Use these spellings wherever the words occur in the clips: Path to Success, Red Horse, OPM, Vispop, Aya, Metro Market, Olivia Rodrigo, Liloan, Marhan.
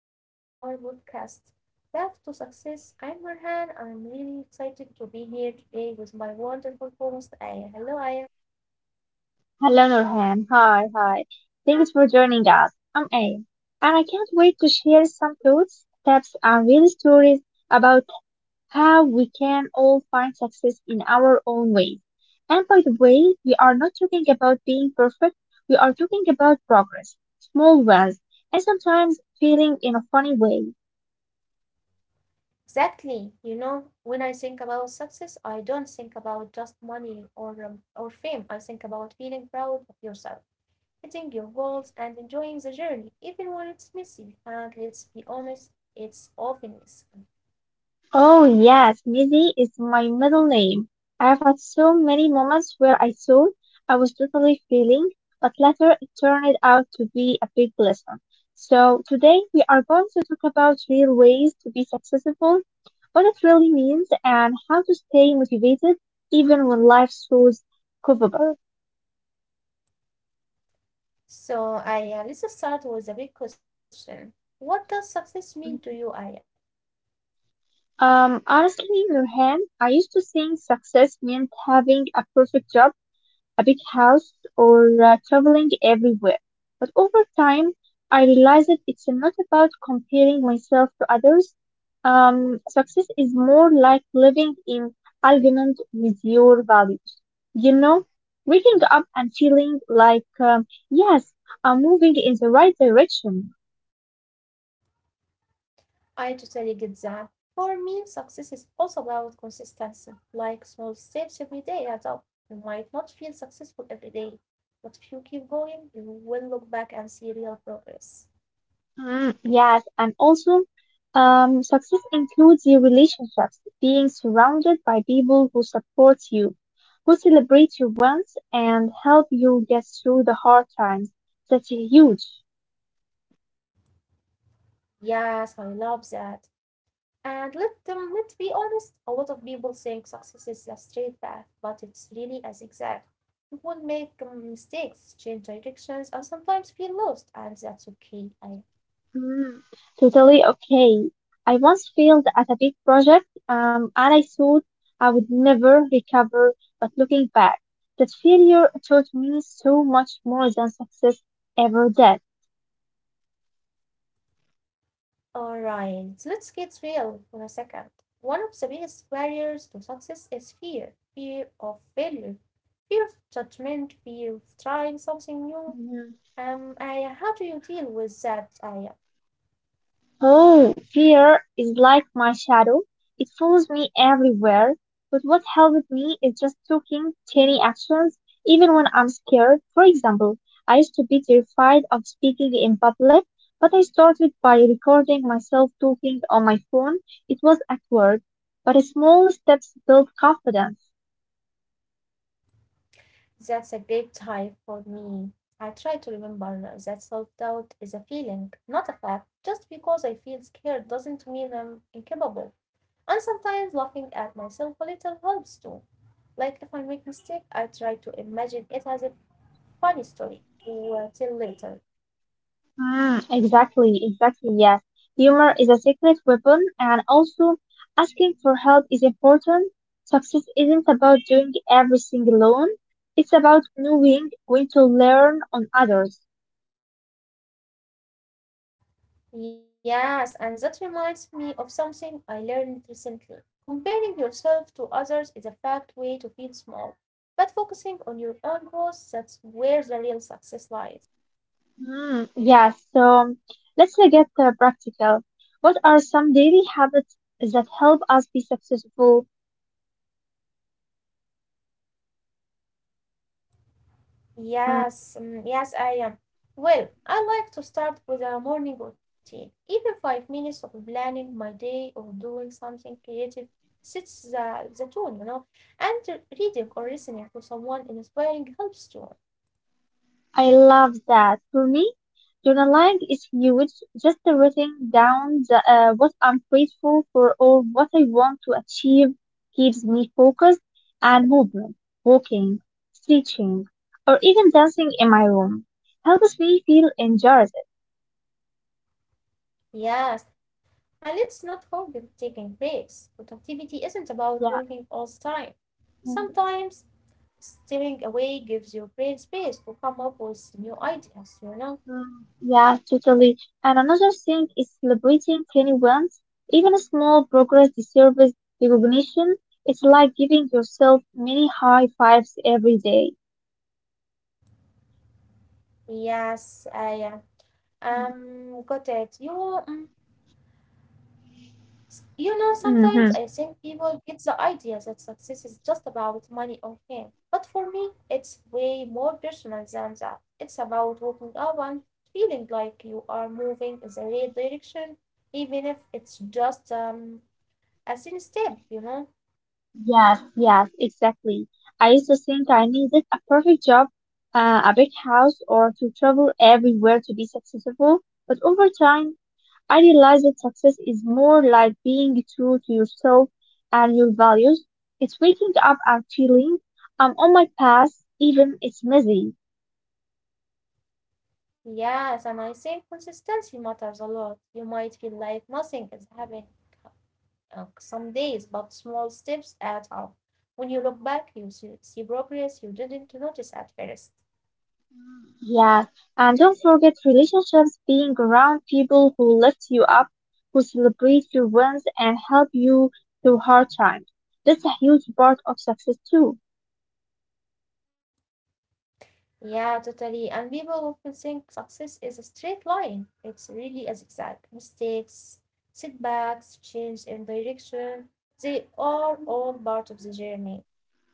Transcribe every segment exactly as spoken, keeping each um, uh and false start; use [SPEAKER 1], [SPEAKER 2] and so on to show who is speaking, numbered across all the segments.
[SPEAKER 1] welcome to our podcast, Path to Success. I'm Marhan and I'm really excited to be here today with my wonderful host, Aya. Hello, Aya.
[SPEAKER 2] Hello, Nurhan. Hi, hi. Thanks for joining us. I'm A, and I can't wait to share some thoughts, tips, and real stories about how we can all find success in our own ways. And by the way, we are not talking about being perfect, we are talking about progress, small wins, and sometimes feeling in a funny way.
[SPEAKER 1] Exactly. You know, when I think about success, I don't think about just money or, um, or fame. I think about feeling proud of yourself, hitting your goals, and enjoying the journey, even when it's messy. And let's be honest, it's often messy.
[SPEAKER 2] Oh yes, Mizzy is my middle name. I've had so many moments where I thought I was totally failing, but later it turned out to be a big lesson. So today we are going to talk about real ways to be successful, what it really means, and how to stay motivated even when life throws curveballs.
[SPEAKER 1] So, Aya, let's start with a big question. What does success mean to you,
[SPEAKER 2] Mm.
[SPEAKER 1] Aya?
[SPEAKER 2] Um, honestly, Nurhan, I used to think success meant having a perfect job, a big house, or uh, traveling everywhere. But over time, I realized that it's not about comparing myself to others. Um, success is more like living in alignment with your values. You know, Waking up and feeling like, um, yes, I'm moving in the right direction.
[SPEAKER 1] I totally get that. For me, success is also about consistency, like small steps every day add up. You might not feel successful every day, but if you keep going, you will look back and see real progress.
[SPEAKER 2] Mm, yes, and also, um, success includes your relationships, being surrounded by people who support you, who celebrate your wins, and help you get through the hard times. That's huge.
[SPEAKER 1] Yes, I love that. And let um, let's be honest, a lot of people think success is a straight path, but it's really a zigzag. You will make um, mistakes, change directions, and sometimes feel lost, and that's okay. I
[SPEAKER 2] Mm, totally okay. I once failed at a big project, um, and I thought I would never recover, but looking back, that failure taught me so much more than success ever did.
[SPEAKER 1] all right, so let's get real for a second. One of the biggest barriers to success is fear fear of failure, fear of judgment, fear of trying something new.
[SPEAKER 2] Mm-hmm.
[SPEAKER 1] Um, Aya, how do you deal with that, Aya?
[SPEAKER 2] Oh, fear is like my shadow. It follows me everywhere. But what helped me is just taking tiny actions, even when I'm scared. For example, I used to be terrified of speaking in public, but I started by recording myself talking on my phone. It was awkward, but small steps built confidence.
[SPEAKER 1] That's a great type for me. I try to remember that self doubt is a feeling, not a fact. Just because I feel scared doesn't mean I'm incapable. And sometimes laughing at myself a little helps too. Like if I make a mistake, I try to imagine it as a funny story to uh, later.
[SPEAKER 2] Mm, exactly, exactly, yes. Humor is a secret weapon, and also asking for help is important. Success isn't about doing everything alone, it's about knowing when to learn on others.
[SPEAKER 1] Yes, and that reminds me of something I learned recently. Comparing yourself to others is a fact way to feel small, but focusing on your own growth, that's where the real success lies.
[SPEAKER 2] Mm, yes, so let's uh, get uh, practical. What are some daily habits that help us be successful? Mm,
[SPEAKER 1] Yes, mm, yes, I am. Well, I like to start with a morning routine. Even five minutes of planning my day or doing something creative sets the, the tone, you know, and reading or listening to someone inspiring helps too.
[SPEAKER 2] I love that. For me, journaling is huge, just writing down the, uh, what I'm grateful for or what I want to achieve keeps me focused, and movement, walking, stretching, or even dancing in my room helps me feel energized.
[SPEAKER 1] Yes, and let's not forget taking breaks. Productivity isn't about working
[SPEAKER 2] Yeah.
[SPEAKER 1] all the time.
[SPEAKER 2] Mhm.
[SPEAKER 1] Sometimes stepping away gives your brain space to come up with new ideas, you know?
[SPEAKER 2] Mm, yeah, totally. And another thing is celebrating tiny wins. Even small progress deserves recognition. It's like giving yourself many high fives every day.
[SPEAKER 1] Yes, I uh,
[SPEAKER 2] Mm-hmm.
[SPEAKER 1] um got it. You mm, S- you know, sometimes I
[SPEAKER 2] Mm-hmm.
[SPEAKER 1] think people get the idea that success is just about money or fame. But for me, it's way more personal than that. It's about waking up and feeling like you are moving in the right direction, even if it's just um, a tiny step, you know?
[SPEAKER 2] Yes, yes, exactly. I used to think I needed a perfect job, uh, a big house, or to travel everywhere to be successful. But over time, I realized that success is more like being true to yourself and your values. It's waking up and feeling I'm on my path, even it's messy.
[SPEAKER 1] Yes, and I think consistency matters a lot. You might feel like nothing is happening uh, some days, but small steps add up. When you look back, you see see progress you didn't notice at first.
[SPEAKER 2] Yeah, and don't forget relationships, being around people who lift you up, who celebrate your wins and help you through hard times. That's a huge part of success too.
[SPEAKER 1] Yeah, totally. And people often think success is a straight line. It's really a zigzag. Mistakes, setbacks, change in direction, they are all part of the journey.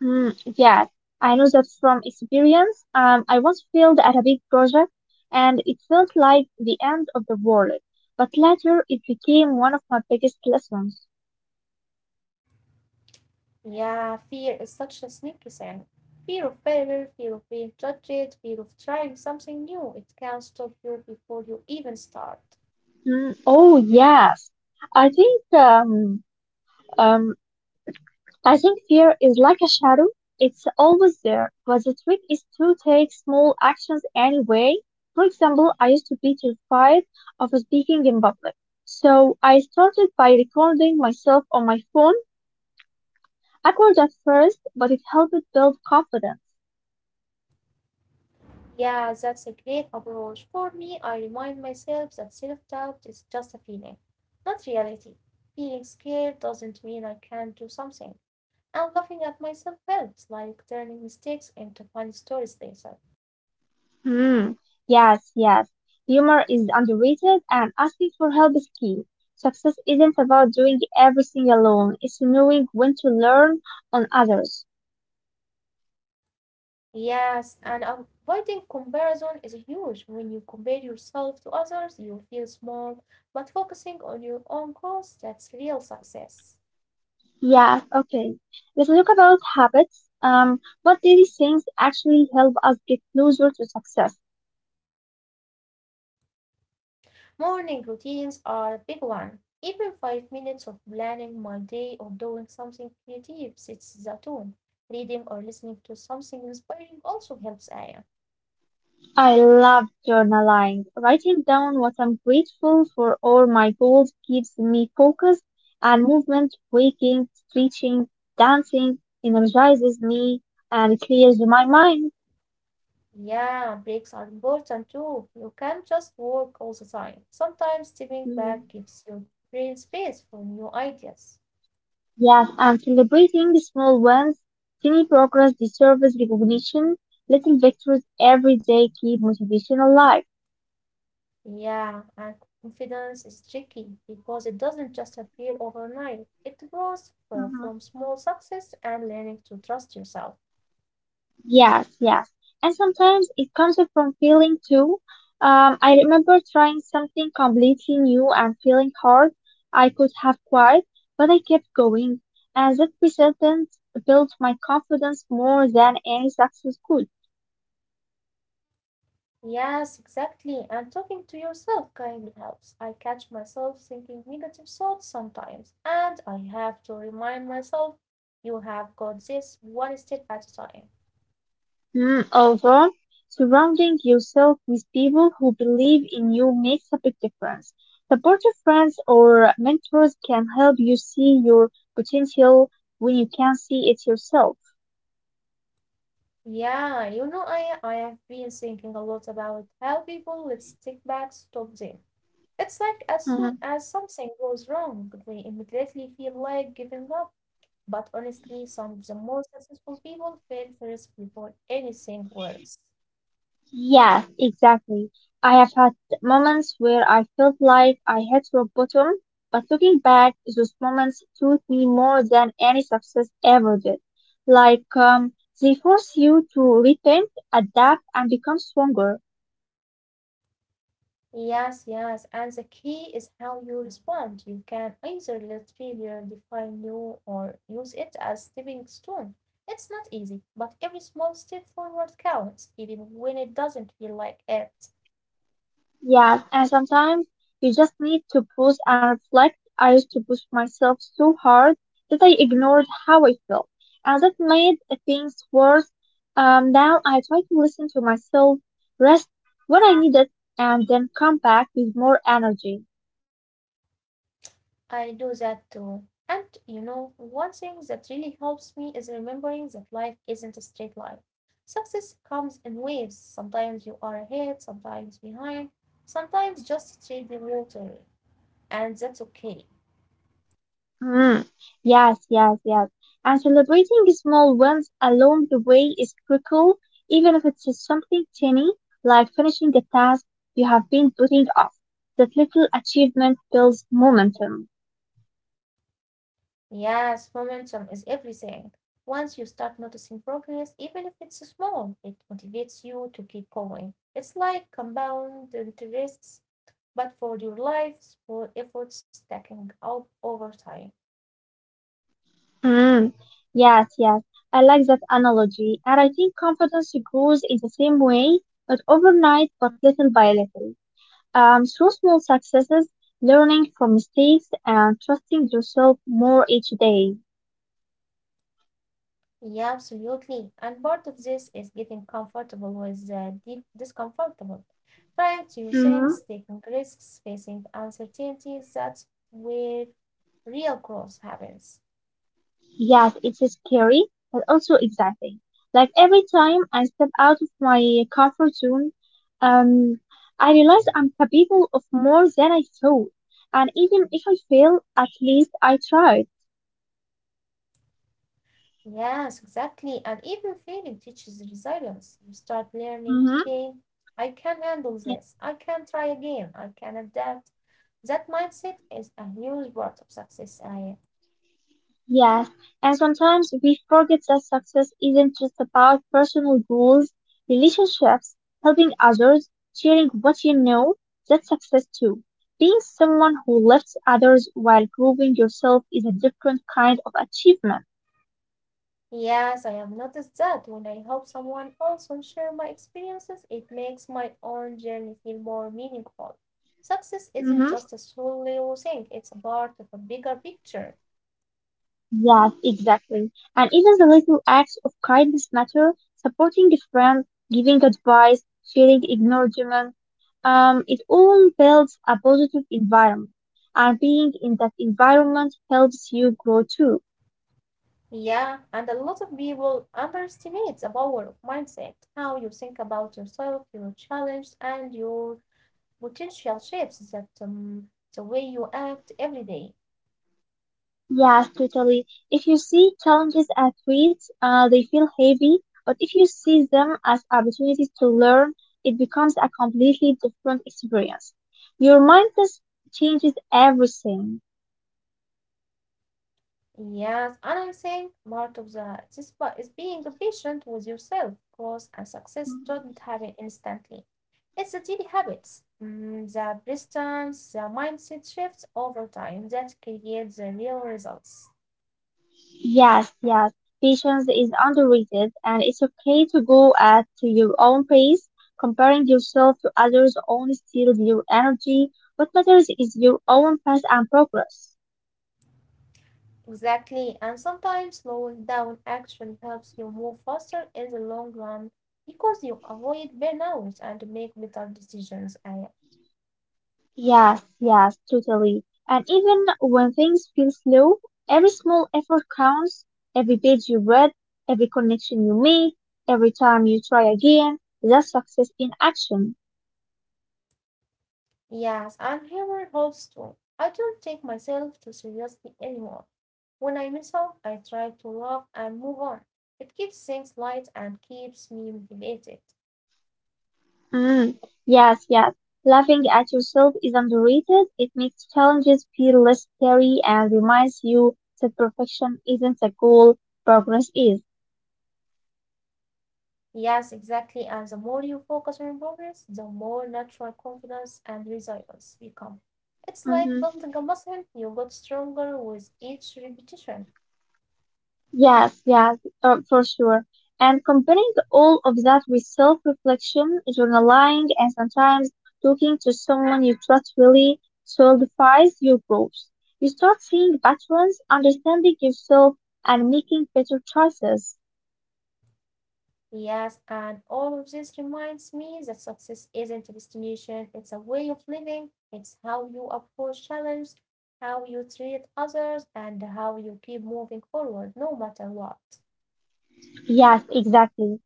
[SPEAKER 2] Hmm, yes, I know that from experience. Um, I once failed at a big project and it felt like the end of the world, but later it became one of my biggest lessons.
[SPEAKER 1] Yeah, fear is such a sneaky thing. Fear of failure, fear of being judged, fear of trying something new. It can stop you before you even start.
[SPEAKER 2] Hmm, oh yes, I think um, um, I think fear is like a shadow. It's always there, but the trick is to take small actions anyway. For example, I used to be terrified of speaking in public. So I started by recording myself on my phone, awkward at first, but it helped build confidence.
[SPEAKER 1] Yeah, that's a great approach. For me, I remind myself that self doubt is just a feeling, not reality. Feeling scared doesn't mean I can't do something. And laughing at myself helps, like turning mistakes into funny stories later.
[SPEAKER 2] Hmm. Yes, yes. Humor is underrated and asking for help is key. Success isn't about doing everything alone. It's knowing when to learn on others.
[SPEAKER 1] Yes, and avoiding comparison is huge. When you compare yourself to others, you feel small, but focusing on your own goals, that's real success.
[SPEAKER 2] Yeah, okay. Let's talk about habits. Um, what daily things actually help us get closer to success?
[SPEAKER 1] Morning routines are a big one. Even five minutes of planning my day or doing something creative sets the tone. Reading or listening to something inspiring also helps Aya.
[SPEAKER 2] I love journaling. Writing down what I'm grateful for or my goals keeps me focused, and movement, waking, stretching, dancing energizes me and clears my mind.
[SPEAKER 1] Yeah, breaks are important too. You can't just work all the time. Sometimes stepping
[SPEAKER 2] Mhm.
[SPEAKER 1] back gives your brain space for new ideas.
[SPEAKER 2] Yes, and celebrating the small wins, tiny progress deserves recognition. Little victories every day keep motivation alive.
[SPEAKER 1] Yeah, and confidence is tricky because it doesn't just appear overnight. It grows uh, from small success and learning to trust yourself.
[SPEAKER 2] Yes, yes. And sometimes it comes from feeling too. Um, I remember trying something completely new and feeling hard. I could have quit, but I kept going. And that persistence built my confidence more than any success could.
[SPEAKER 1] Yes, exactly. And talking to yourself kindly helps. I catch myself thinking negative thoughts sometimes, and I have to remind myself, you have got this one step at a time.
[SPEAKER 2] Mm, although surrounding yourself with people who believe in you makes a big difference. Supportive friends or mentors can help you see your potential when you can see it yourself.
[SPEAKER 1] Yeah, you know, I, I have been thinking a lot about how people with stick back stop them. It's like as soon as something goes wrong, they immediately feel like giving up. But honestly, some of the most successful people fail first before anything works.
[SPEAKER 2] Yes, exactly. I have had moments where I felt like I hit rock bottom, but looking back, those moments taught me more than any success ever did. Like, um, they force you to rethink, adapt, and become stronger.
[SPEAKER 1] Yes, yes, and the key is how you respond. You can either let failure define you or use it as stepping stone. It's not easy, but every small step forward counts, even when it doesn't feel like it.
[SPEAKER 2] Yes, and sometimes you just need to pause and reflect. I used to push myself so hard that I ignored how I felt, and that made things worse. Um, now I try to listen to myself, rest when I need it, and then come back with more energy.
[SPEAKER 1] I do that too. And you know, one thing that really helps me is remembering that life isn't a straight line. Success comes in waves. Sometimes you are ahead, sometimes behind, sometimes just treading water, and that's okay.
[SPEAKER 2] Mm, yes, yes, yes. And celebrating small wins along the way is critical, even if it's just something tiny, like finishing a task you have been putting off. That little achievement builds momentum.
[SPEAKER 1] Yes, momentum is everything. Once you start noticing progress, even if it's small, it motivates you to keep going. It's like compound interests, but for your lives, for efforts stacking up over time.
[SPEAKER 2] Mm, yes, yes. I like that analogy. And I think confidence grows in the same way, not overnight, but little by little. Um, through small successes, learning from mistakes, and trusting yourself more each day.
[SPEAKER 1] Yeah, absolutely. And part of this is getting comfortable with the deep discomfortable. Trying new
[SPEAKER 2] Hmm.
[SPEAKER 1] things, taking risks, facing uncertainties, that's where real growth happens.
[SPEAKER 2] Yes, it's scary, but also exciting. Like every time I step out of my comfort zone, um, I realize I'm capable of more than I thought. And even if I fail, at least I tried.
[SPEAKER 1] Yes, exactly. And even failing teaches resilience. You start learning,
[SPEAKER 2] Mm-hmm.
[SPEAKER 1] okay, I can handle this. I can try again. I can adapt. That mindset is a huge part of success. I
[SPEAKER 2] Yes, and sometimes we forget that success isn't just about personal goals, relationships, helping others, sharing what you know. That's success too. Being someone who lifts others while proving yourself is a different kind of achievement.
[SPEAKER 1] yes, I have noticed that when I help someone else and share my experiences, it makes my own journey feel more meaningful. Success isn't
[SPEAKER 2] Mhm.
[SPEAKER 1] just a solo thing, it's a part of a bigger picture.
[SPEAKER 2] Yes, exactly. And even the little acts of kindness matter, supporting a friend, giving advice, sharing acknowledgement, um, it all builds a positive environment. And being in that environment helps you grow too.
[SPEAKER 1] Yeah, and a lot of people underestimate the power of mindset, how you think about yourself, your challenge, and your potential shapes that um, the way you act every day.
[SPEAKER 2] Yes, totally. If you see challenges as threats, uh, they feel heavy, but if you see them as opportunities to learn, it becomes a completely different experience. Your mindset changes everything.
[SPEAKER 1] Yes, and I think part of the this pa- is being patient with yourself, because and success do not happen instantly. It's the daily habits, mm, the persistence, the mindset shifts over time that create the real results.
[SPEAKER 2] Yes, yes. Patience is underrated, and it's okay to go at your own pace. Comparing yourself to others only steals your energy. What matters is your own path and progress.
[SPEAKER 1] Exactly, and sometimes slowing down actually helps you move faster in the long run because you avoid burnout and make better decisions. I,
[SPEAKER 2] Yes, yes, totally. And even when things feel slow, every small effort counts. Every page you read, every connection you make, every time you try again, that's success in action.
[SPEAKER 1] yes, and humor helps too. I don't take myself too seriously anymore. When I mess up, I try to laugh and move on. It keeps things light and keeps me motivated.
[SPEAKER 2] Mm, yes, yes. Laughing at yourself is underrated. It makes challenges feel less scary and reminds you that perfection isn't a goal, progress is.
[SPEAKER 1] Yes, exactly. And the more you focus on progress, the more natural confidence and resilience become. It's like
[SPEAKER 2] Hmm.
[SPEAKER 1] building a muscle, you get stronger with each repetition.
[SPEAKER 2] Yes, yes, uh, for sure. And combining all of that with self-reflection, journaling, and sometimes talking to someone you trust really solidifies your growth. You start seeing patterns, understanding yourself, and making better choices.
[SPEAKER 1] Yes, and all of this reminds me that success isn't a destination, it's a way of living. It's how you approach challenge, how you treat others, and how you keep moving forward no matter what.
[SPEAKER 2] Yes, exactly.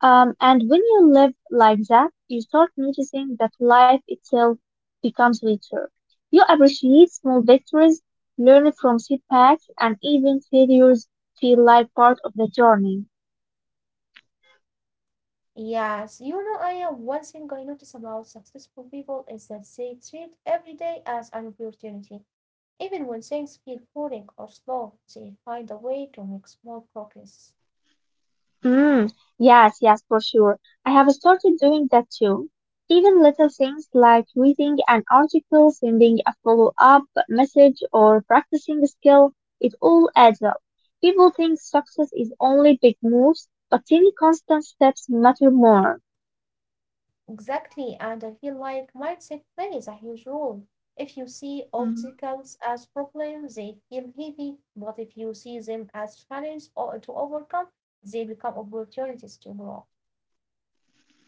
[SPEAKER 2] Um, and when you live like that, you start noticing that life itself becomes richer. You appreciate small victories, learn from setbacks, and even failures feel like part of the journey.
[SPEAKER 1] Yes, you know, I have one thing I notice about successful people is that they treat every day as an opportunity. Even when things feel boring or slow, they find a way to make small progress.
[SPEAKER 2] Mm, yes, yes, for sure. I have started doing that too. Even little things like reading an article, sending a follow-up message, or practicing a skill, it all adds up. People think success is only big moves, but tiny constant steps matter more.
[SPEAKER 1] Exactly, and I feel like mindset plays a huge role. If you see obstacles as problems, they feel heavy, but if you see them as challenges or to overcome, they become opportunities to grow.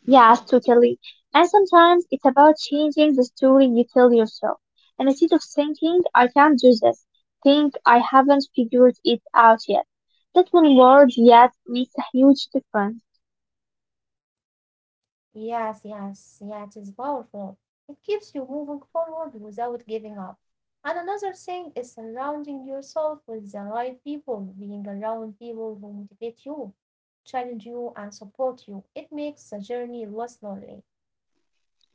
[SPEAKER 2] Yes, totally. And sometimes it's about changing the story you tell yourself. And instead of thinking, I can't do this, think, I haven't figured it out yet. That one word yet makes a huge difference.
[SPEAKER 1] Yes, yes, yeah, it is powerful. It keeps you moving forward without giving up. And another thing is surrounding yourself with the right people, being around people who motivate you, challenge you, and support you. It makes the journey less lonely.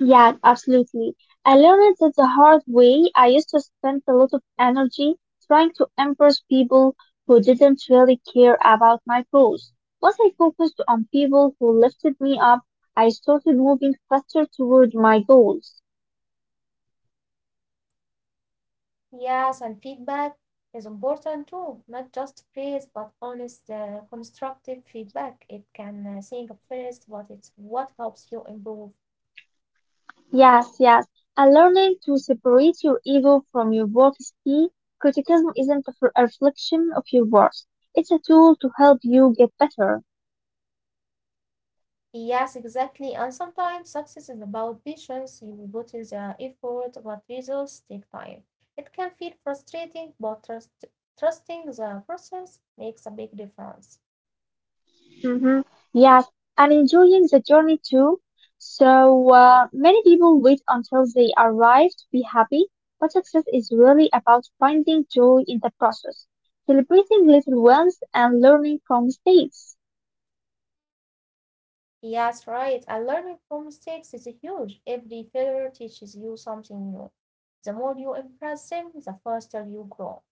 [SPEAKER 2] Yeah, absolutely. I learned that the hard way. I used to spend a lot of energy trying to impress people who didn't really care about my goals. Once I focused on people who lifted me up, I started moving faster toward my goals.
[SPEAKER 1] Yes, and feedback is important too, not just praise, but honest, uh, constructive feedback. It can uh, sing first, but it's what helps you improve.
[SPEAKER 2] Yes, yes. And learning to separate your ego from your work is key. Criticism isn't a f- a reflection of your worth. It's a tool to help you get better.
[SPEAKER 1] Yes, exactly. And sometimes success is about patience. You put in the effort, but results take time. It can feel frustrating, but trust, trusting the process makes a big difference.
[SPEAKER 2] Hmm. Yes, and enjoying the journey too. So uh, many people wait until they arrive to be happy, but success is really about finding joy in the process, celebrating little wins, and learning from mistakes.
[SPEAKER 1] Yes, right. And learning from mistakes is huge. Every failure teaches you something new. The more you impress them, the faster you grow.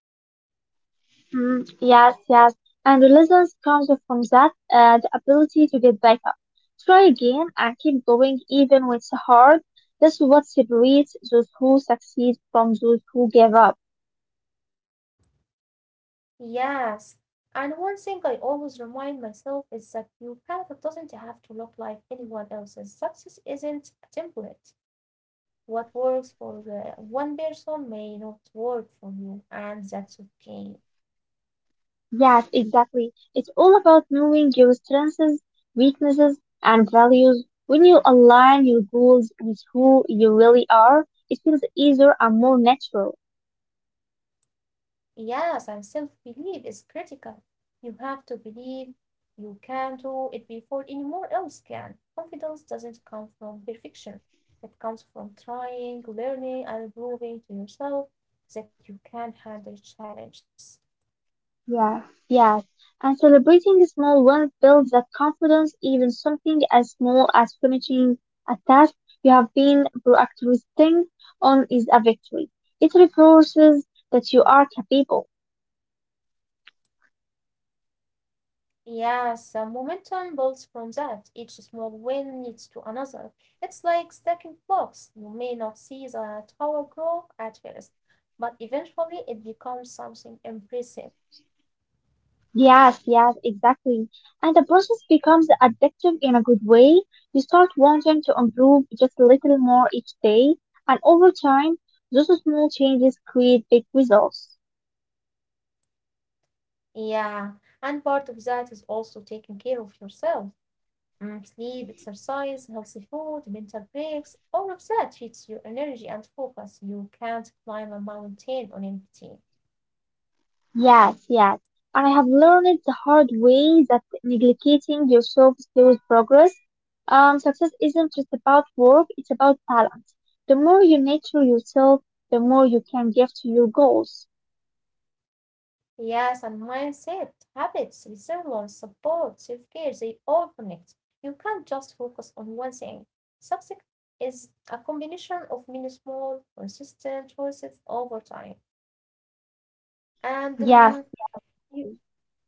[SPEAKER 2] Mm, yes, yes. And the lessons comes from that, uh, the ability to get back up, try again, and keep going even when it's hard. That's what separates those who succeed from those who give up.
[SPEAKER 1] Yes. And one thing I always remind myself is that your path doesn't have to look like anyone else's. Success isn't a template. What works for uh, one person may not work for you, and that's okay.
[SPEAKER 2] Yes, exactly. It's all about knowing your strengths, weaknesses, and values. When you align your goals with who you really are, it feels easier and more natural.
[SPEAKER 1] Yes, and self belief is critical. You have to believe you can do it before anyone else can. Confidence doesn't come from perfection, it comes from trying, learning, and proving to yourself that you can handle challenges.
[SPEAKER 2] Yes, yes. And celebrating small wins builds that confidence, even something as small as finishing a task you have been procrastinating on is a victory. It reinforces that you are capable.
[SPEAKER 1] Yes, uh, momentum builds from that. Each small win leads to another. It's like stacking blocks. You may not see the tower grow at first, but eventually it becomes something impressive.
[SPEAKER 2] Yes, yes, exactly. And the process becomes addictive in a good way. You start wanting to improve just a little more each day, and over time, those small changes create big results.
[SPEAKER 1] Yeah, and part of that is also taking care of yourself. Mm, sleep, exercise, healthy food, mental breaks, all of that feeds your energy and focus. You can't climb a mountain on empty.
[SPEAKER 2] Yes, yes. And I have learned it the hard way that neglecting yourself slows progress. Um, success isn't just about work, it's about balance. The more you nurture yourself, the more you can give to your goals.
[SPEAKER 1] Yes, and mindset, habits, resilience, support, self care, they all connect. You can't just focus on one thing. Success is a combination of many small, consistent choices over time. And um,
[SPEAKER 2] Yes, yes.
[SPEAKER 1] you,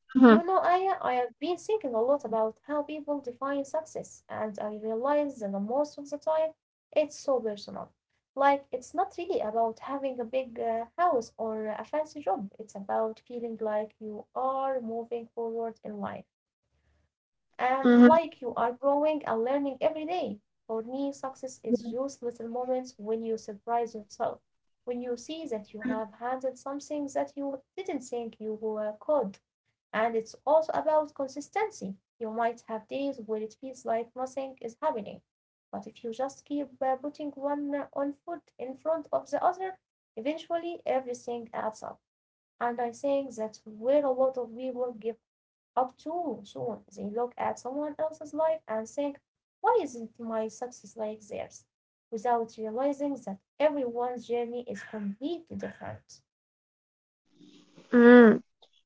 [SPEAKER 1] you
[SPEAKER 2] Mm-hmm.
[SPEAKER 1] know, Aya, I have been thinking a lot about how people define success, and I realize that the most of the time it's so personal. Like, it's not really about having a big uh, house or a fancy job, it's about feeling like you are moving forward in life. Um, like
[SPEAKER 2] Mm-hmm.
[SPEAKER 1] you are growing and learning every day. For me, success is
[SPEAKER 2] Yeah.
[SPEAKER 1] those little moments when you surprise yourself, when you see that you
[SPEAKER 2] Mm-hmm.
[SPEAKER 1] have handled something that you didn't think you were could. And it's also about consistency. You might have days where it feels like nothing is happening, but if you just keep uh, putting one uh, on foot in front of the other, eventually everything adds up. And I think that's where a lot of people give up too soon. They look at someone else's life and think, why isn't my success like theirs? Without realizing that everyone's journey is completely different.
[SPEAKER 2] Mm-hmm.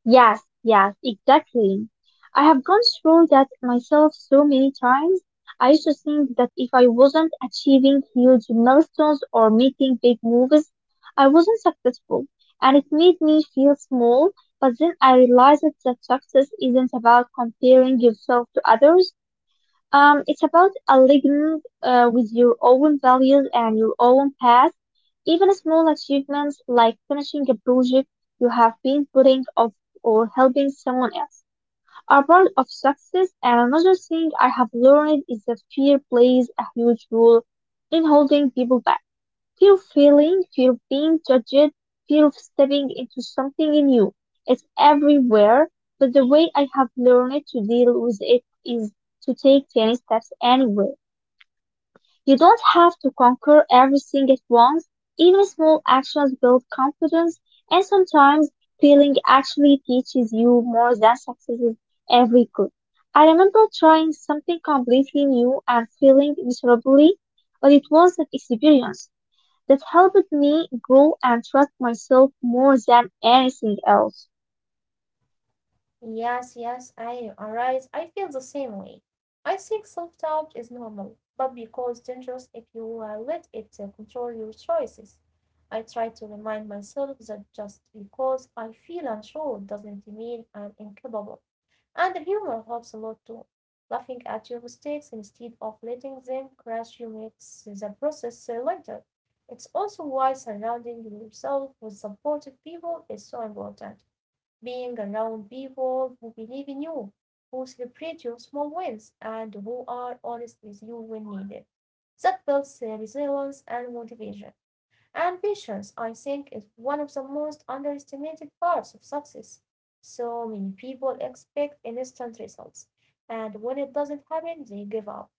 [SPEAKER 2] Yes, yes, exactly. I have gone through that myself so many times. I used to think that if I wasn't achieving huge milestones or making big moves, I wasn't successful. And it made me feel small. But then I realized that success isn't about comparing yourself to others. Um, it's about aligning uh, with your own values and your own path. Even small achievements like finishing a project you have been putting off or helping someone else are part of success. And another thing I have learned is that fear plays a huge role in holding people back. Fear of failing, fear of being judged, fear of stepping into something new. It's everywhere, but the way I have learned to deal with it is to take tiny steps anyway. You don't have to conquer everything at once. Even small actions build confidence, and sometimes failing actually teaches you more than successes ever could. I remember trying something completely new and feeling miserably, but it was an experience. That helped me grow and trust myself more than anything else.
[SPEAKER 1] Yes, yes, I arise. I feel the same way. I think self doubt is normal, but because dangerous if you uh, let it uh, control your choices. I try to remind myself that just because I feel unsure doesn't mean I'm incapable. And humor helps a lot too. Laughing at your mistakes instead of letting them crush you makes the process uh, lighter. It's also why surrounding yourself with supportive people is so important. Being around people who believe in you, who celebrate your small wins, and who are honest with you when needed. That builds uh, resilience and motivation. And patience, I think, is one of the most underestimated parts of success. So many people expect instant results, and when it doesn't happen, they give up.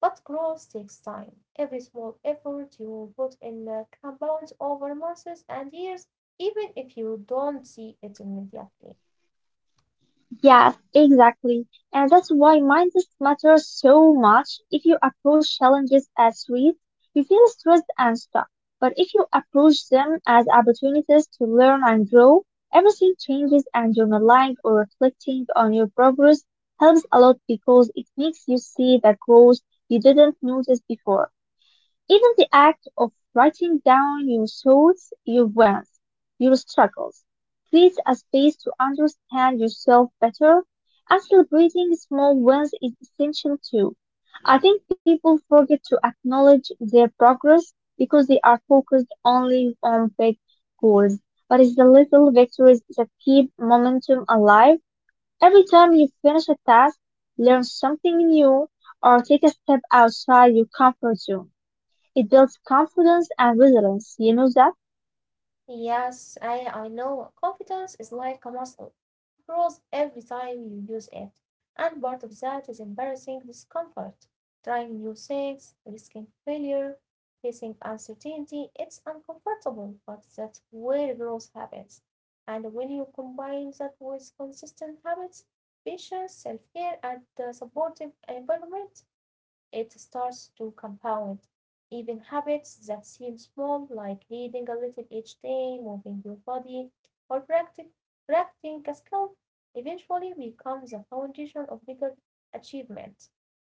[SPEAKER 1] But growth takes time. Every small effort you put in uh, compounds over months and years, even if you don't see it immediately.
[SPEAKER 2] Yes, exactly. And that's why mindset matters so much. If you approach challenges as threats, you feel stressed and stuck. But if you approach them as opportunities to learn and grow, everything changes, and journaling or reflecting on your progress helps a lot because it makes you see the growth you didn't notice before. Even the act of writing down your thoughts, your wants, your struggles, creates a space to understand yourself better, and celebrating small wins is essential too. I think people forget to acknowledge their progress because they are focused only on big goals. But it's the little victories that keep momentum alive. Every time you finish a task, learn something new, or take a step outside your comfort zone, it builds confidence and resilience, you know that?
[SPEAKER 1] Yes, I, I know. Confidence is like a muscle. It grows every time you use it. And part of that is embarrassing discomfort, trying new things, risking failure, facing uncertainty. It's uncomfortable, but that's where growth happens. And when you combine that with consistent habits, patience, self care, and a supportive environment, it starts to compound. Even habits that seem small, like reading a little each day, moving your body, or practic- practicing a skill, eventually becomes the foundation of bigger achievement.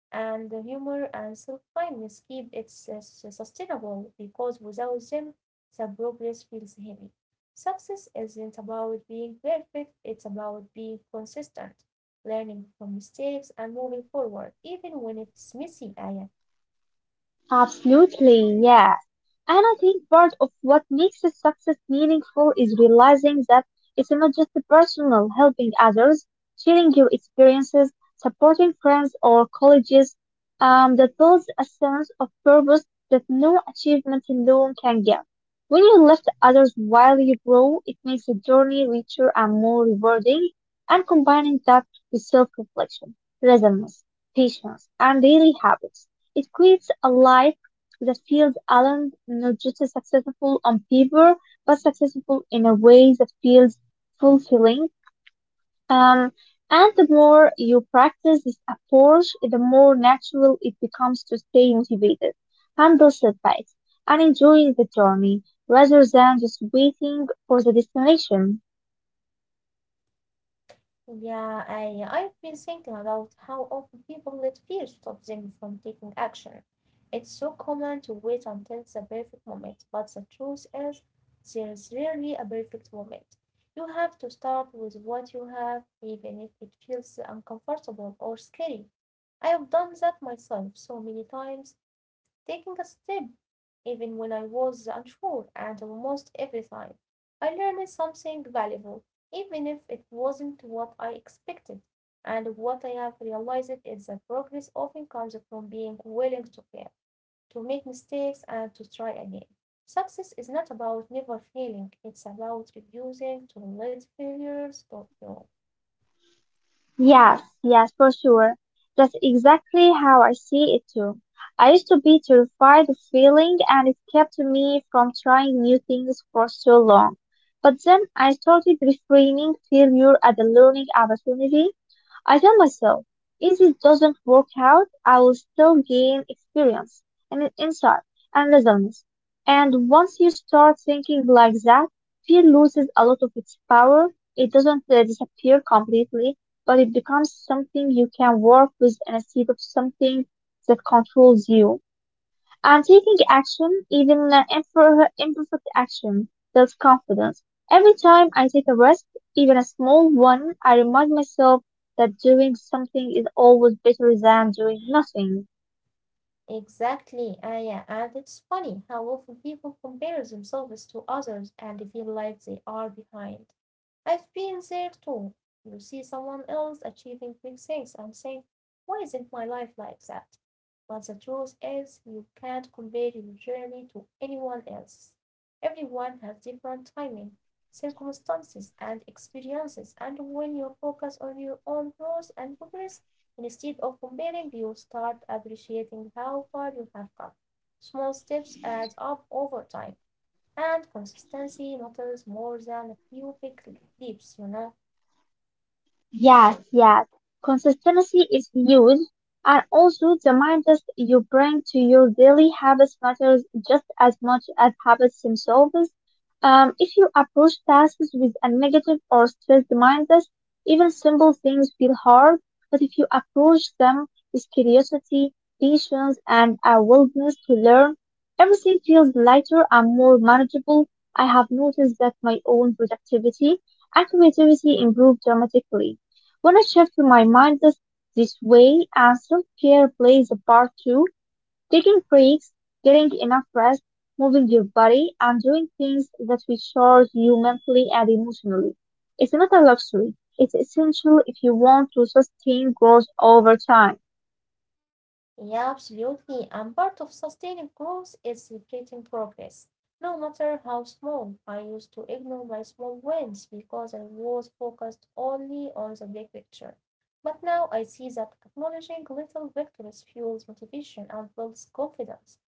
[SPEAKER 1] And the humor and self kindness keep it sus- sustainable because without them the progress feels heavy. Success isn't about being perfect, it's about being consistent, learning from mistakes and moving forward, even when it's messy, Aya.
[SPEAKER 2] Absolutely, yes. And I think part of what makes this success meaningful is realizing that it's not just the personal, helping others, sharing your experiences, supporting friends or colleagues, um, that builds a sense of purpose that no achievement alone can give. When you lift others while you grow, it makes the journey richer and more rewarding, and combining that with self-reflection, resilience, patience, and daily habits, it creates a life that feels alone, not just successful on paper, but successful in a way that feels fulfilling. Um, and the more you practice this approach, the more natural it becomes to stay motivated, handle setbacks, and enjoy the journey rather than just waiting for the destination.
[SPEAKER 1] Yeah, I, I've been thinking about how often people let fear stop them from taking action. It's so common to wait until the perfect moment, but the truth is, there's rarely a perfect moment. You have to start with what you have, even if it feels uncomfortable or scary. I have done that myself so many times, taking a step, even when I was unsure and almost every time. I learned something valuable, even if it wasn't what I expected. And what I have realized is that progress often comes from being willing to fail, to make mistakes, and to try again. Success is not about never failing, it's about refusing to let failure stop you.
[SPEAKER 2] Yes, yes, for sure. That's exactly how I see it too. I used to be terrified of failing, and it kept me from trying new things for so long. But then I started reframing failure as a learning opportunity. I tell myself, if it doesn't work out, I will still gain experience and insight and results. And once you start thinking like that, fear loses a lot of its power. It doesn't uh, disappear completely, but it becomes something you can work with instead of something that controls you. And taking action, even uh, imper- imperfect action, builds confidence. Every time I take a risk, even a small one, I remind myself that doing something is always better than doing nothing.
[SPEAKER 1] Exactly, Aya, and it's funny how often people compare themselves to others and feel like they are behind. I've been there too. You see someone else achieving big things and saying, why isn't my life like that? But the truth is you can't compare your journey to anyone else. Everyone has different timing, circumstances, and experiences, and when you focus on your own growth and progress instead of comparing, you start appreciating how far you have come. Small steps add up over time, and consistency matters more than a few big leaps, you know.
[SPEAKER 2] Yes, yes. Consistency is huge. And also the mindset you bring to your daily habits matters just as much as habits themselves. Um, if you approach tasks with a negative or stressed mindset, even simple things feel hard. But if you approach them with curiosity, patience, and a willingness to learn, everything feels lighter and more manageable. I have noticed that my own productivity and creativity improve dramatically when I shift my mind this, this way, and self-care plays a part too. Taking breaks, getting enough rest, moving your body, and doing things that recharge you mentally and emotionally. It's not a luxury. It's essential if you want to sustain growth over time.
[SPEAKER 1] Yeah, absolutely. And part of sustaining growth is celebrating progress, no matter how small. I used to ignore my small wins because I was focused only on the big picture. But now I see that acknowledging little victories fuels motivation and builds confidence.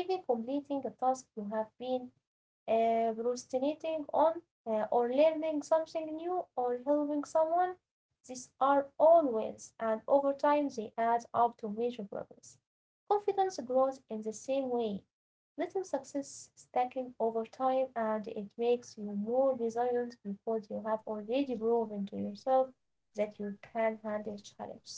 [SPEAKER 1] Even completing a task you have been uh, procrastinating on uh, or learning something new or helping someone. These are all wins, and over time they add up to major progress. Confidence grows in the same way. Little success stacking over time, and it makes you more resilient because you have already proven to yourself that you can handle challenges.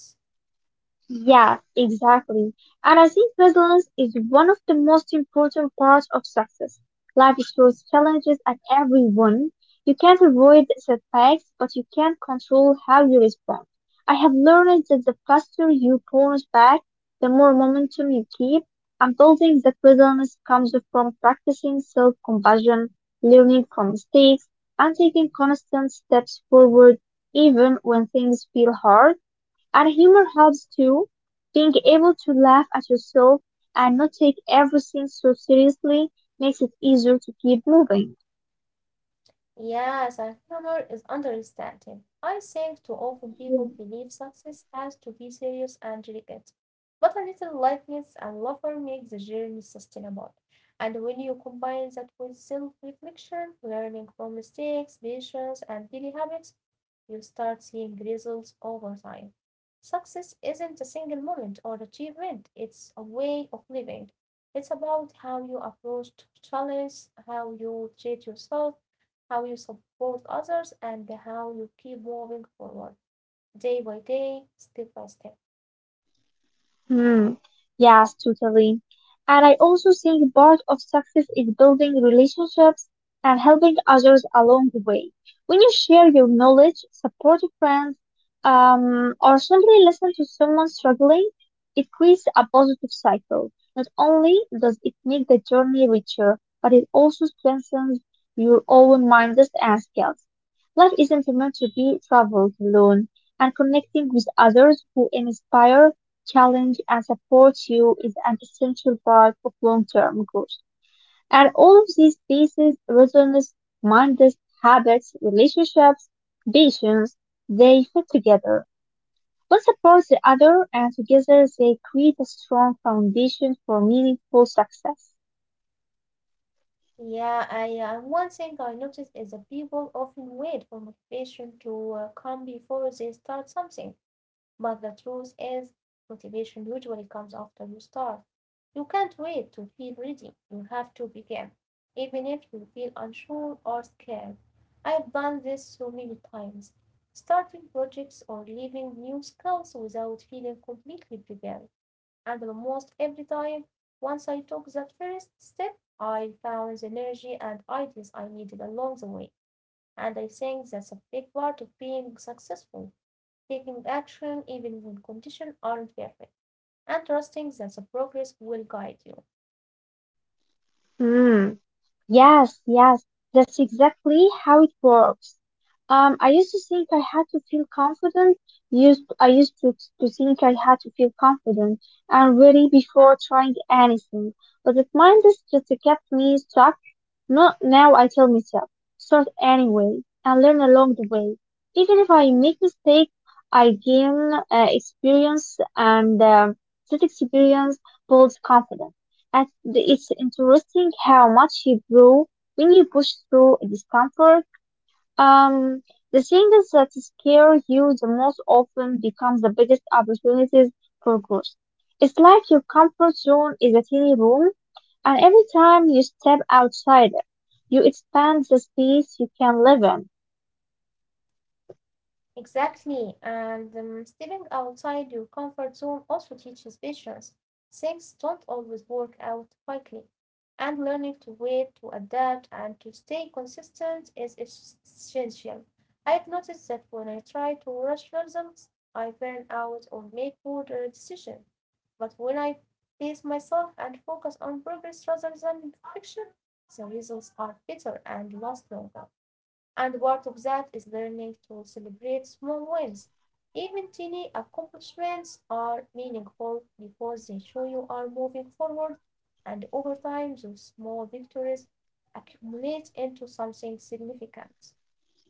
[SPEAKER 2] Yeah, exactly. And I think resilience is one of the most important parts of success. Life throws challenges at everyone. You can't avoid setbacks, but you can control how you respond. I have learned that the faster you bounce back, the more momentum you keep. And building that resilience comes from practicing self-compassion, learning from mistakes, and taking constant steps forward even when things feel hard. And humor helps too. Being able to laugh at yourself and not take everything so seriously makes it easier to keep moving.
[SPEAKER 1] Yes, and humor is understated. I think too often people believe success has to be serious and delicate. But a little lightness and laughter make the journey sustainable. And when you combine that with self-reflection, learning from mistakes, patience, and daily habits, you start seeing results over time. Success isn't a single moment or achievement, it's a way of living. It's about how you approach challenges, how you treat yourself, how you support others, and how you keep moving forward day by day, step by step.
[SPEAKER 2] Hmm. Yes, totally. And I also think part of success is building relationships and helping others along the way. When you share your knowledge, support friends, um, or simply listen to someone struggling, it creates a positive cycle. Not only does it make the journey richer, but it also strengthens your own minds and skills. Life isn't meant to be traveled alone, and connecting with others who inspire, challenge, and supports you is an essential part of long-term growth. And all of these pieces, resilience, mindset, habits, relationships, patience, they fit together. One supports the other, and together they create a strong foundation for meaningful success.
[SPEAKER 1] Yeah, I uh, one thing I noticed is that people often wait for motivation to uh, come before they start something. But the truth is, motivation usually comes after you start. You can't wait to feel ready, you have to begin, even if you feel unsure or scared. I've done this so many times, starting projects or leaving new skills without feeling completely prepared. And almost every time, once I took that first step, I found the energy and ideas I needed along the way. And I think that's a big part of being successful taking action even when conditions aren't perfect, and trusting that the progress will guide you.
[SPEAKER 2] Hmm. Yes, yes, that's exactly how it works. Um, I used to think I had to feel confident. Used I used to, to think I had to feel confident and ready before trying anything. But that mindset just kept me stuck. Not now. I tell myself, start anyway and learn along the way. Even if I make mistakes, I gain uh, experience, and um, that experience builds confidence. And the- it's interesting how much you grow when you push through discomfort. Um, the things that scare you the most often become the biggest opportunities for growth. It's like your comfort zone is a tiny room, and every time you step outside it, you expand the space you can live in.
[SPEAKER 1] Exactly, and um, stepping outside your comfort zone also teaches patience. Things don't always work out quickly, and learning to wait, to adapt, and to stay consistent is essential. I've noticed that when I try to rush results, I burn out or make poor uh, decisions. But when I pace myself and focus on progress rather than perfection, the results are better and last longer. And part of that is learning to celebrate small wins. Even tiny accomplishments are meaningful because they show you are moving forward, and over time, those small victories accumulate into something significant.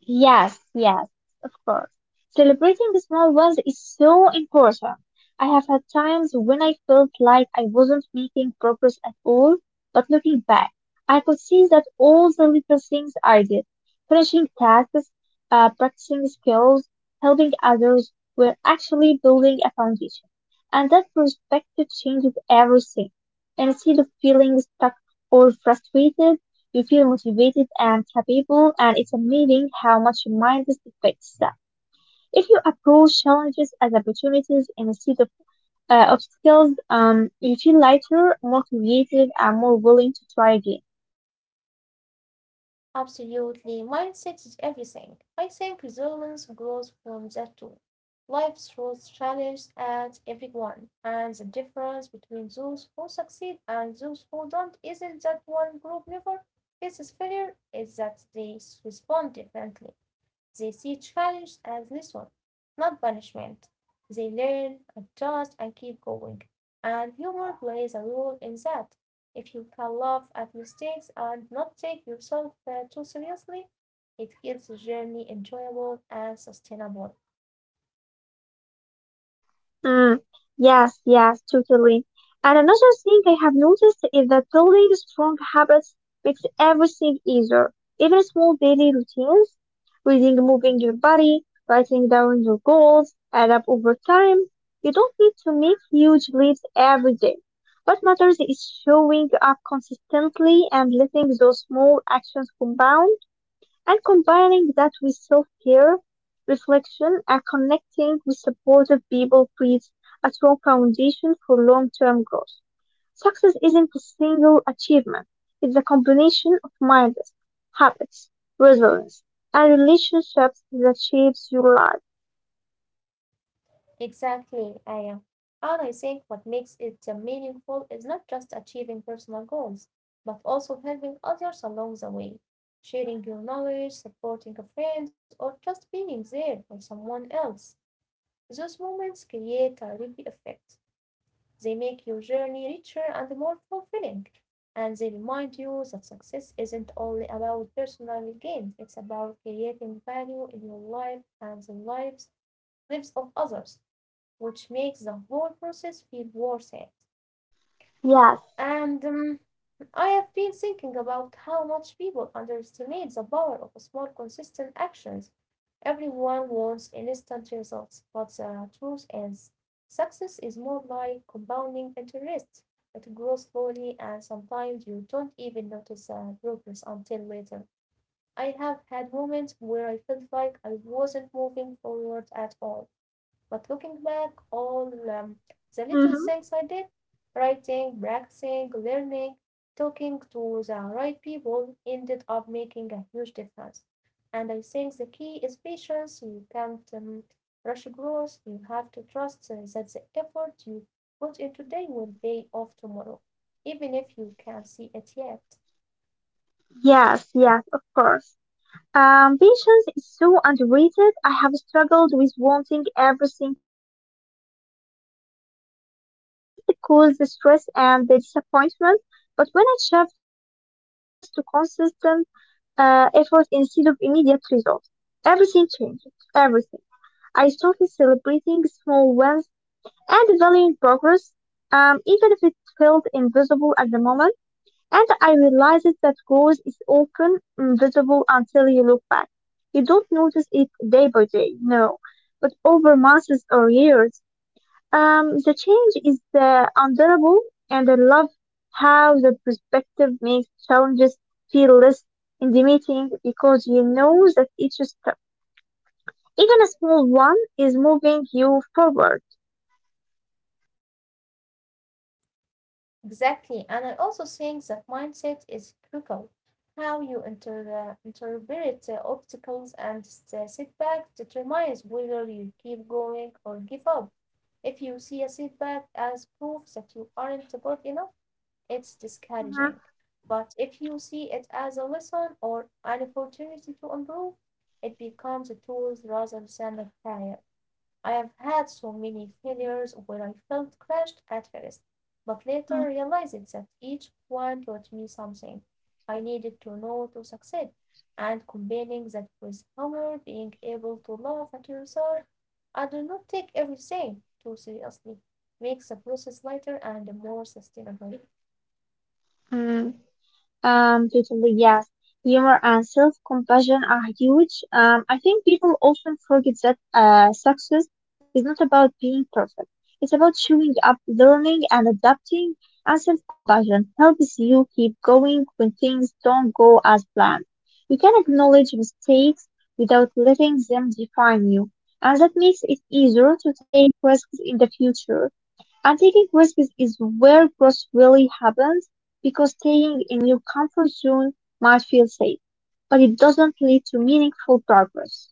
[SPEAKER 2] Yes, yes, of course. Celebrating the small ones is so important. I have had times when I felt like I wasn't making progress at all, but looking back, I could see that all the little things I did, finishing tasks, uh, practicing skills, helping others, were actually building a foundation. And that perspective changes everything. Instead of feeling stuck or frustrated, you feel motivated and capable, and it's amazing how much your mind is affects that. If you approach challenges as opportunities instead of uh, obstacles, um, you feel lighter, more creative, and more willing to try again.
[SPEAKER 1] Absolutely. Mindset is everything. I think resilience grows from that too. Life throws challenges at everyone, and the difference between those who succeed and those who don't isn't that one group never faces failure, it's that they respond differently. They see challenge as lesson, not punishment. They learn, adjust, and keep going. And humor plays a role in that. If you can laugh at mistakes and not take yourself uh, too seriously, it keeps the journey enjoyable and sustainable.
[SPEAKER 2] Mm, yes, yes, totally. And another thing I have noticed is that building strong habits makes everything easier. Even small daily routines, reading, moving your body, writing down your goals, add up over time. You don't need to make huge leaps every day. What matters is showing up consistently and letting those small actions compound. And combining that with self-care, reflection, and connecting with supportive people creates a strong foundation for long-term growth. Success isn't a single achievement. It's a combination of mindsets, habits, resilience, and relationships that shapes your life.
[SPEAKER 1] Exactly, Aya. And I think what makes it uh, meaningful is not just achieving personal goals, but also helping others along the way, sharing your knowledge, supporting a friend, or just being there for someone else. Those moments create a ripple effect. They make your journey richer and more fulfilling, and they remind you that success isn't only about personal gain, it's about creating value in your life and the lives lives of others which makes the whole process feel worth it.
[SPEAKER 2] Yes.
[SPEAKER 1] And um, I have been thinking about how much people underestimate the power of small, consistent actions. Everyone wants instant results, but the truth is, success is more like compounding interest. It grows slowly, and sometimes you don't even notice the progress until later. I have had moments where I felt like I wasn't moving forward at all. But looking back, all um, the little
[SPEAKER 2] Hmm.
[SPEAKER 1] things I did writing, practicing, learning, talking to the right people ended up making a huge difference. And I think the key is patience. You can't um, rush growth. You have to trust uh, that the effort you put in today will pay off tomorrow, even if you can't see it yet.
[SPEAKER 2] Yes, yes, of course. Um, Patience is so underrated. I have struggled with wanting everything to happen quickly, and it just caused the stress and the disappointment. But when I shift my focus to consistent uh, effort instead of immediate results, everything changed. Everything. I started celebrating small wins and valuing progress, um, even if it felt invisible at the moment. And I realized that growth is often invisible until you look back. You don't notice it day by day, no, but over months or years, um, the change is uh, unbearable, and I love how the perspective makes challenges feel less intimidating because you know that each step, even a small one, is moving you forward.
[SPEAKER 1] Exactly. And I also think that mindset is critical. How you inter- interpret the obstacles and the setbacks determines whether you keep going or give up. If you see a setback as proof that you aren't good enough, it's discouraging.
[SPEAKER 2] Mhm.
[SPEAKER 1] But if you see it as a lesson or an opportunity to improve, it becomes a tool rather than a failure. I have had so many failures where I felt crushed at first, but later
[SPEAKER 2] Mhm.
[SPEAKER 1] realized that each one taught me something I needed to know to succeed, and combining that with humor, being able to laugh at yourself and not take everything too seriously, makes the process lighter and more sustainable.
[SPEAKER 2] Mm, Um, totally, yes. Humor and self-compassion are huge. Um, I think people often forget that uh, success is not about being perfect. It's about showing up, learning, and adapting. And self-compassion helps you keep going when things don't go as planned. You can acknowledge mistakes without letting them define you, and that makes it easier to take risks in the future. And taking risks is where growth really happens because staying in your comfort zone might feel safe, but it doesn't lead to meaningful progress.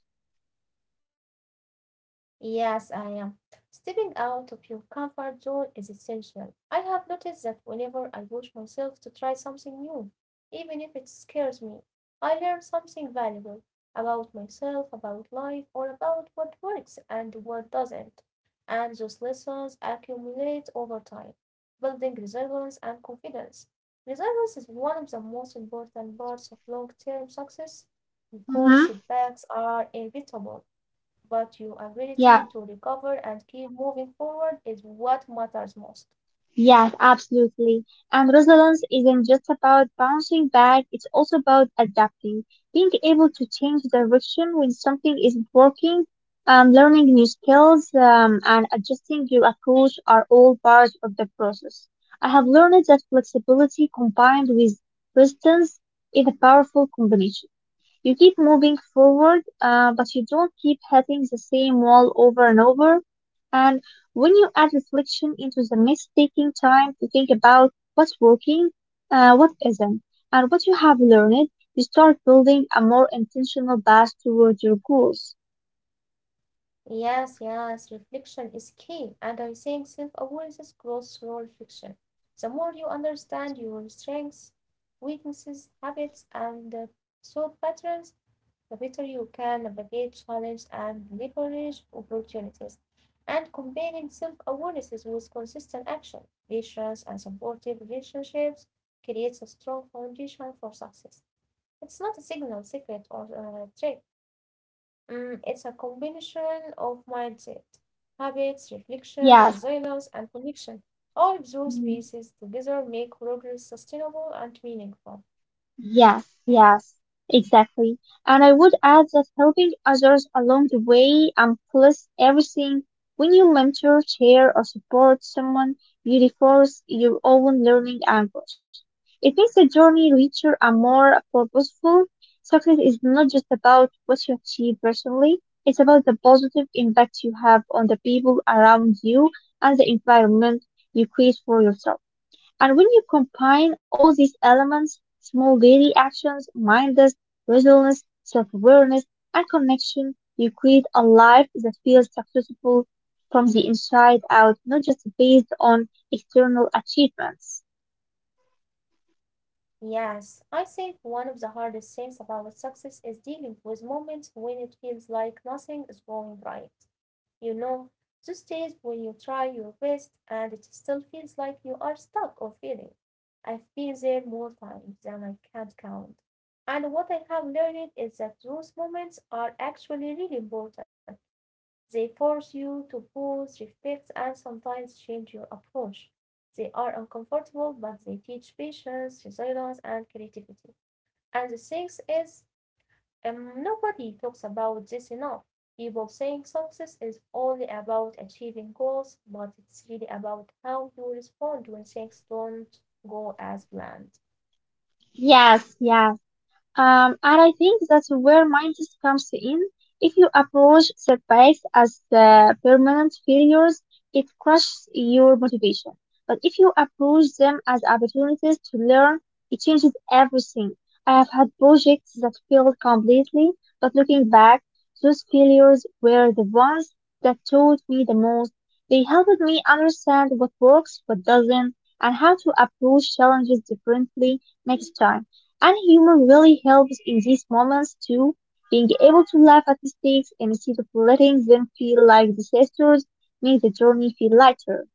[SPEAKER 1] Yes, I am. Stepping out of your comfort zone is essential. I have noticed that whenever I push myself to try something new, even if it scares me, I learn something valuable about myself, about life, or about what works and what doesn't. And those lessons accumulate over time, building resilience and confidence. Resilience is one of the most important parts of long term success because
[SPEAKER 2] Mm-hmm.
[SPEAKER 1] setbacks are inevitable but your ability to
[SPEAKER 2] Yeah,
[SPEAKER 1] recover and keep moving forward is what matters most.
[SPEAKER 2] yes, absolutely. And resilience isn't just about bouncing back, it's also about adapting, being able to change direction when something isn't working, um, learning new skills, um, and adjusting your approach are all part of the process. I have learned that flexibility combined with resistance is a powerful combination. You keep moving forward, uh, but you don't keep hitting the same wall over and over. And when you add reflection into the mix, taking time to think about what's working, uh, what isn't, and what you have learned, you start building a more intentional path toward your goals.
[SPEAKER 1] Yes, yes, reflection is key, and I think self awareness grows through reflection. The more you understand your strengths, weaknesses, habits, and uh, thought patterns, the better you can navigate challenges and leverage opportunities. And combining self awareness with consistent action, patience, and supportive relationships creates a strong foundation for success. It's not a signal, secret, or a trick. Mm, it's a combination of mindset, habits, reflection,
[SPEAKER 2] Yes.
[SPEAKER 1] resilience, and connection. All of those
[SPEAKER 2] Mhm.
[SPEAKER 1] pieces together make progress sustainable and meaningful.
[SPEAKER 2] Yes, yes, exactly. And I would add that helping others along the way amplifies everything. When you mentor, share, or support someone, you reinforce your own learning and growth. It makes the journey richer and more purposeful. Success is not just about what you achieve personally, it's about the positive impact you have on the people around you and the environment you create for yourself. And when you combine all these elements, small daily actions, mindless, resilience, self-awareness, and connection, you create a life that feels successful from the inside out, not just based on external achievements.
[SPEAKER 1] Yes, I think one of the hardest things about success is dealing with moments when it feels like nothing is going right. You know, those days when you try your best and it still feels like you are stuck or failing. I've been there more times than I can count. And what I have learned is that those moments are actually really important. They force you to pause, reflect, and sometimes change your approach. They are uncomfortable, but they teach patience, resilience, and creativity. And the thing is, um, nobody talks about this enough. People think success is only about achieving goals, but it's really about how you respond when things don't go as planned.
[SPEAKER 2] Yes, yes. Um, and I think that's where mindset comes in. If you approach setbacks as uh, permanent failures, it crushes your motivation. But if you approach them as opportunities to learn, it changes everything. I have had projects that failed completely, but looking back, those failures were the ones that taught me the most. They helped me understand what works, what doesn't, and how to approach challenges differently next time. And humor really helps in these moments too. Being able to laugh at mistakes instead of letting them feel like disasters makes the journey feel lighter.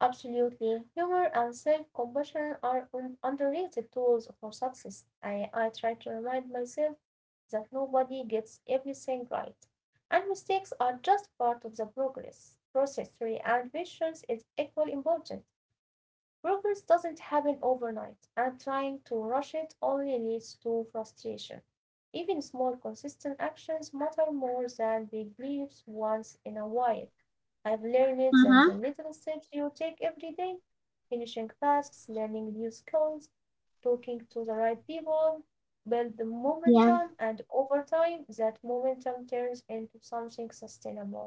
[SPEAKER 1] Absolutely. Humor and self-compassion are un- underrated tools for success. I, I try to remind myself that nobody gets everything right, and mistakes are just part of the progress. Process re- and patience is equally important. Progress doesn't happen overnight, and trying to rush it only leads to frustration. Even small consistent actions matter more than big leaps once in a while. I've learned that the
[SPEAKER 2] Mm-hmm.
[SPEAKER 1] little steps you take every day, finishing tasks, learning new skills, talking to the right people, build the
[SPEAKER 2] Yeah.
[SPEAKER 1] momentum, and over time, that momentum turns into something sustainable.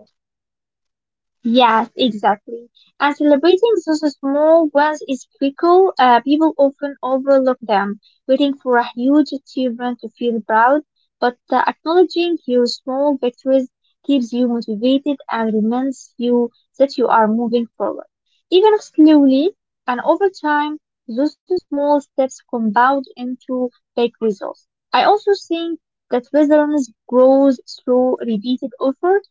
[SPEAKER 2] Yes, exactly. And celebrating those small wins is critical. Uh, people often overlook them, waiting for a huge achievement to feel proud. But uh, acknowledging your small victories keeps you motivated and reminds you that you are moving forward. Even if slowly and over time, those small steps compound into big results. I also think that resilience grows through repeated effort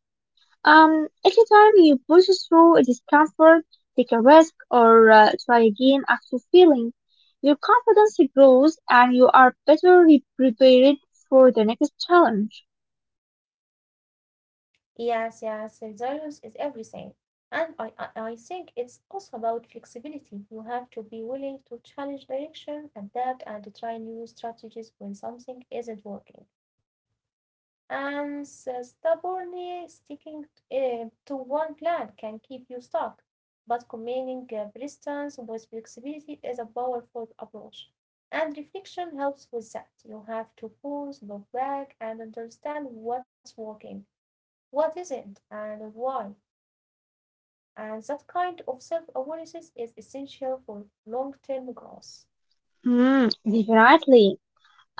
[SPEAKER 2] um, every time you push through discomfort, take a risk, or uh, try again after failing, your confidence grows and you are better re- prepared for the next challenge.
[SPEAKER 1] Yes, yes, resilience is everything. And I, I I think it's also about flexibility. You have to be willing to challenge direction, adapt, and try new strategies when something isn't working. And so stubbornly sticking eh, to one plan can keep you stuck. But combining eh, persistence with flexibility is a powerful approach. And reflection helps with that. You have to pause, look back, and understand what's working what isn't, and why, and that kind of self awareness is essential for long term growth.
[SPEAKER 2] Mm, definitely.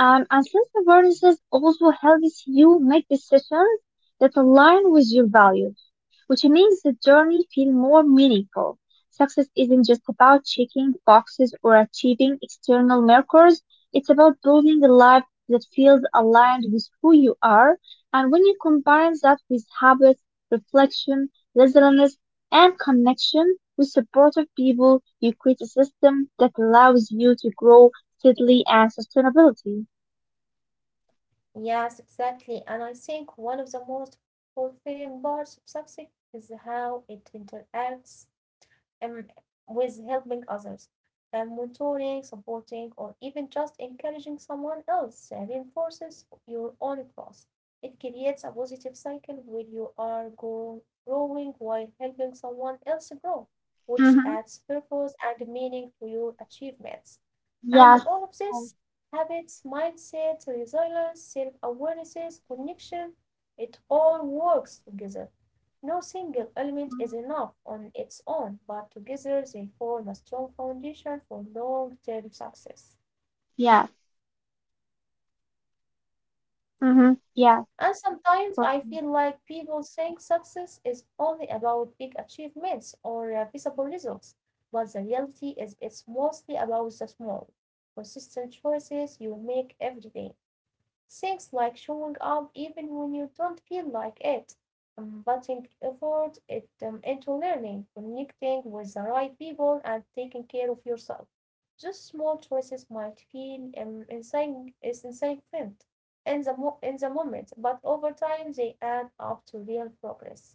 [SPEAKER 2] Um, and self-awareness also helps you make decisions that align with your values, which makes the journey feel more meaningful. Success isn't just about checking boxes or achieving external markers, it's about building a life that feels aligned with who you are. And when you combine that with habits, reflection, resilience, and connection with supportive people, you create a system that allows you to grow steadily and sustainability.
[SPEAKER 1] Yes, exactly. And I think one of the most fulfilling parts of success is how it interacts um, with helping others, and mentoring, supporting, or even just encouraging someone else uh, reinforces your own growth. It creates a positive cycle where you are grow- growing while helping someone else grow, which
[SPEAKER 2] Mm-hmm.
[SPEAKER 1] adds purpose and meaning to your achievements. And
[SPEAKER 2] Yes.
[SPEAKER 1] all of this habits, mindset, resilience, self awareness, connection it all works together. No single element is enough on its own, but together they form a strong foundation for long term success.
[SPEAKER 2] Yes. Mm-hmm. Yes.
[SPEAKER 1] And sometimes I feel
[SPEAKER 2] Perfect.
[SPEAKER 1] like people think success is only about big achievements or uh, visible results, but the reality is it's mostly about the small, consistent choices you make every day. Things like showing up even when you don't feel like it, um, putting effort it, um, into learning, connecting with the right people, and taking care of yourself. Just small choices might feel um, insane, is insignificant in the, mo- in the moment, but over time they add up to real progress.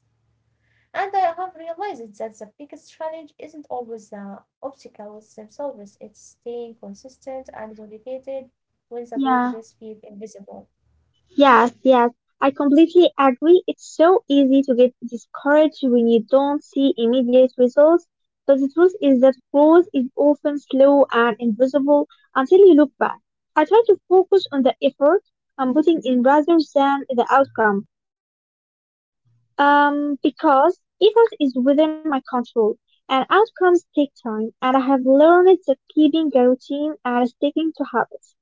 [SPEAKER 1] And I have realized that the biggest challenge isn't always the obstacles themselves, it's staying consistent and motivated when the
[SPEAKER 2] Yeah.
[SPEAKER 1] progress feels invisible.
[SPEAKER 2] Yes, yes, I completely agree. It's so easy to get discouraged when you don't see immediate results. But the truth is that growth is often slow and invisible until you look back. I try to focus on the effort I'm putting in rather than the outcome. Um, because effort is within my control and outcomes take time and I have learned that keeping a routine and sticking to habits,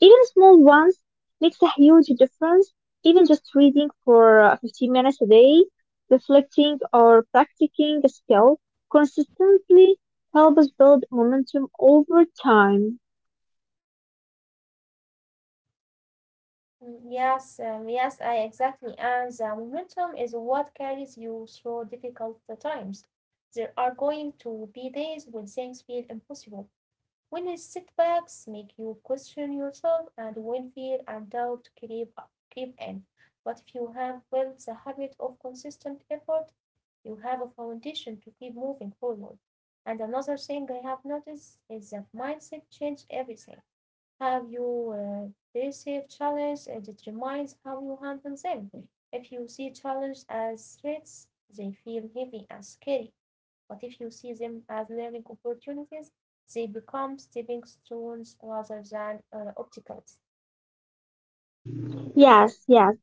[SPEAKER 2] even small ones, makes a huge difference. Even just reading for uh, fifteen minutes a day, reflecting or practicing a skill consistently helps build momentum over time.
[SPEAKER 1] Mm, Yes, um, yes, I exactly. And the momentum is what carries you through difficult times. There are going to be days when things feel impossible, when setbacks make you question yourself, and when fear and doubt creep creep in. But if you have built the habit of consistent effort, you have a foundation to keep moving forward. And another thing I have noticed is that mindset changes everything. Have you uh, perceived challenges and it reminds how you handle them. If you see challenge as threats, they feel heavy and scary. But if you see them as learning opportunities, they become stepping stones rather than uh, obstacles.
[SPEAKER 2] Yes, yes.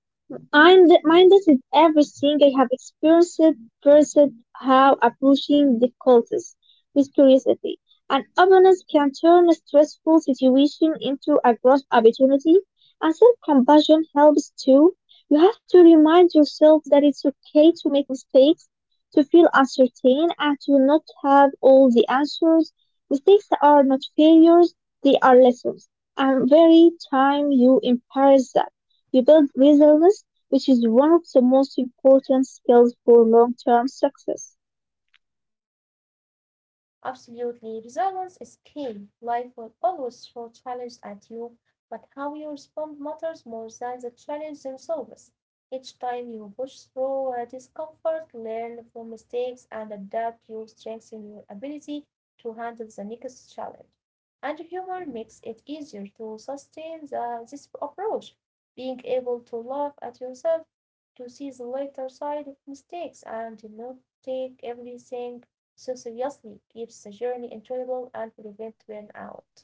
[SPEAKER 2] I'm reminded everything I have experienced, first how approaching difficulties with curiosity and openness can turn a stressful situation into a growth opportunity, and self-compassion helps too. You have to remind yourself that it's okay to make mistakes, to feel uncertain, and to not have all the answers. Mistakes are not failures; they are lessons. And very time you embrace that, you build resilience which is one of the most important skills for long-term success.
[SPEAKER 1] Absolutely. Resilience is key. Life will always throw challenges at you, but how you respond matters more than the challenges themselves. Each time you push through uh, discomfort, learn from mistakes, and adapt, you strengthen your ability to handle the next challenge. And humor makes it easier to sustain the, this approach. Being able to laugh at yourself, to see the lighter side of mistakes, and not take everything so seriously, keeps the journey enjoyable and prevents burnout.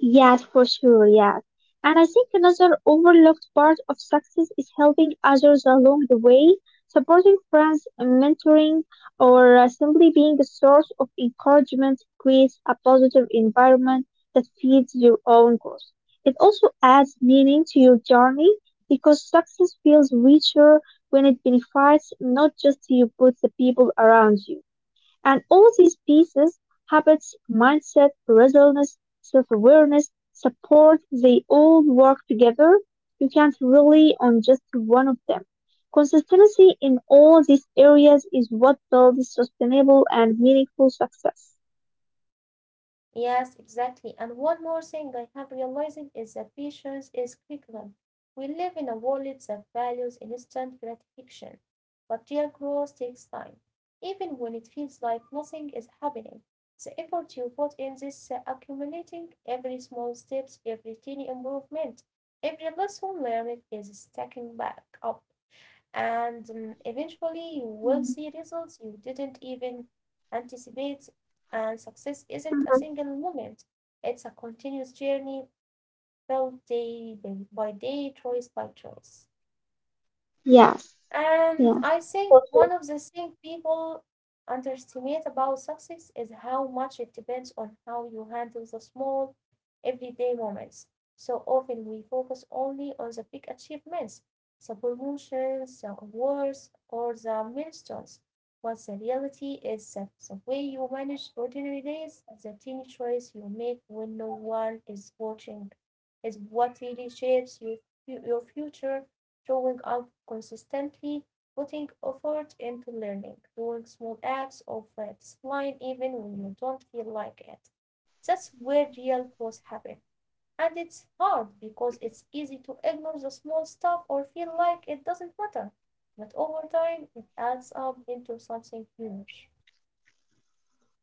[SPEAKER 2] Yes, for sure, yes. And I think another overlooked part of success is helping others along the way, supporting friends, and mentoring, or uh, simply being a source of encouragement creates a positive environment that feeds your own growth. It also adds meaning to your journey because success feels richer when it benefits not just you but the people around you. And all these pieces, habits, mindset, resilience, self-awareness, support, they all work together. You can't rely on just one of them. Consistency in all these areas is what builds sustainable and meaningful success.
[SPEAKER 1] Yes, exactly. And one more thing I have realized is that patience is curriculum. We live in a world that values instant gratification, but real growth takes time. Even when it feels like nothing is happening, the effort you put in this uh, accumulating every small steps, every tiny improvement, every lesson learned is stacking back up. And um, eventually, you will see
[SPEAKER 2] Mm-hmm.
[SPEAKER 1] results you didn't even anticipate. And success isn't a single moment, it's a continuous journey built day by by day, choice by choice.
[SPEAKER 2] Yes. Yes.
[SPEAKER 1] And
[SPEAKER 2] Yeah.
[SPEAKER 1] I think one
[SPEAKER 2] Totally.
[SPEAKER 1] of the things people underestimate about success is how much it depends on how you handle the small, everyday moments. So often we focus only on the big achievements, the promotions, the awards, or the milestones. But the reality is that the way you manage ordinary days, the tiny choice you make when no one is watching, is what really shapes your, your future showing up consistently, putting effort into learning, doing small acts of uh, discipline even when you don't feel like it. That's where real growth happens. And it's hard because it's easy to ignore the small stuff or feel like it doesn't matter. But over time, it adds up into something huge.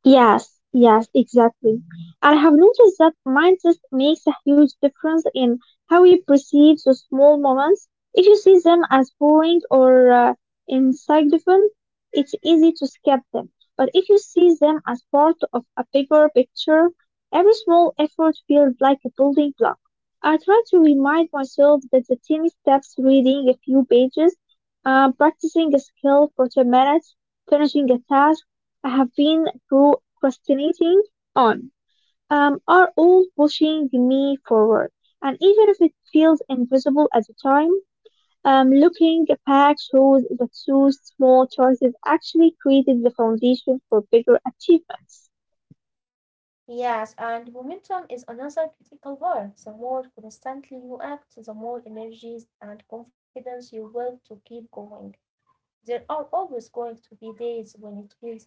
[SPEAKER 2] Yes, yes, exactly. And I have noticed that mindset makes a huge difference in how you perceive the small moments. If you see them as boring or uh, insignificant, it's easy to skip them. But if you see them as part of a bigger picture, every small effort feels like a building block. I try to remind myself that the tiny steps reading a few pages, uh, practicing a skill for ten minutes, finishing a task, I have been procrastinating on, um, are all pushing me forward. And even if it feels invisible at the time, um, looking back shows that those small choices actually created the foundation for bigger achievements.
[SPEAKER 1] Yes, and momentum is another critical word. The more constantly you act, the more energy and confidence you will to keep going. There are always going to be days when it feels hard,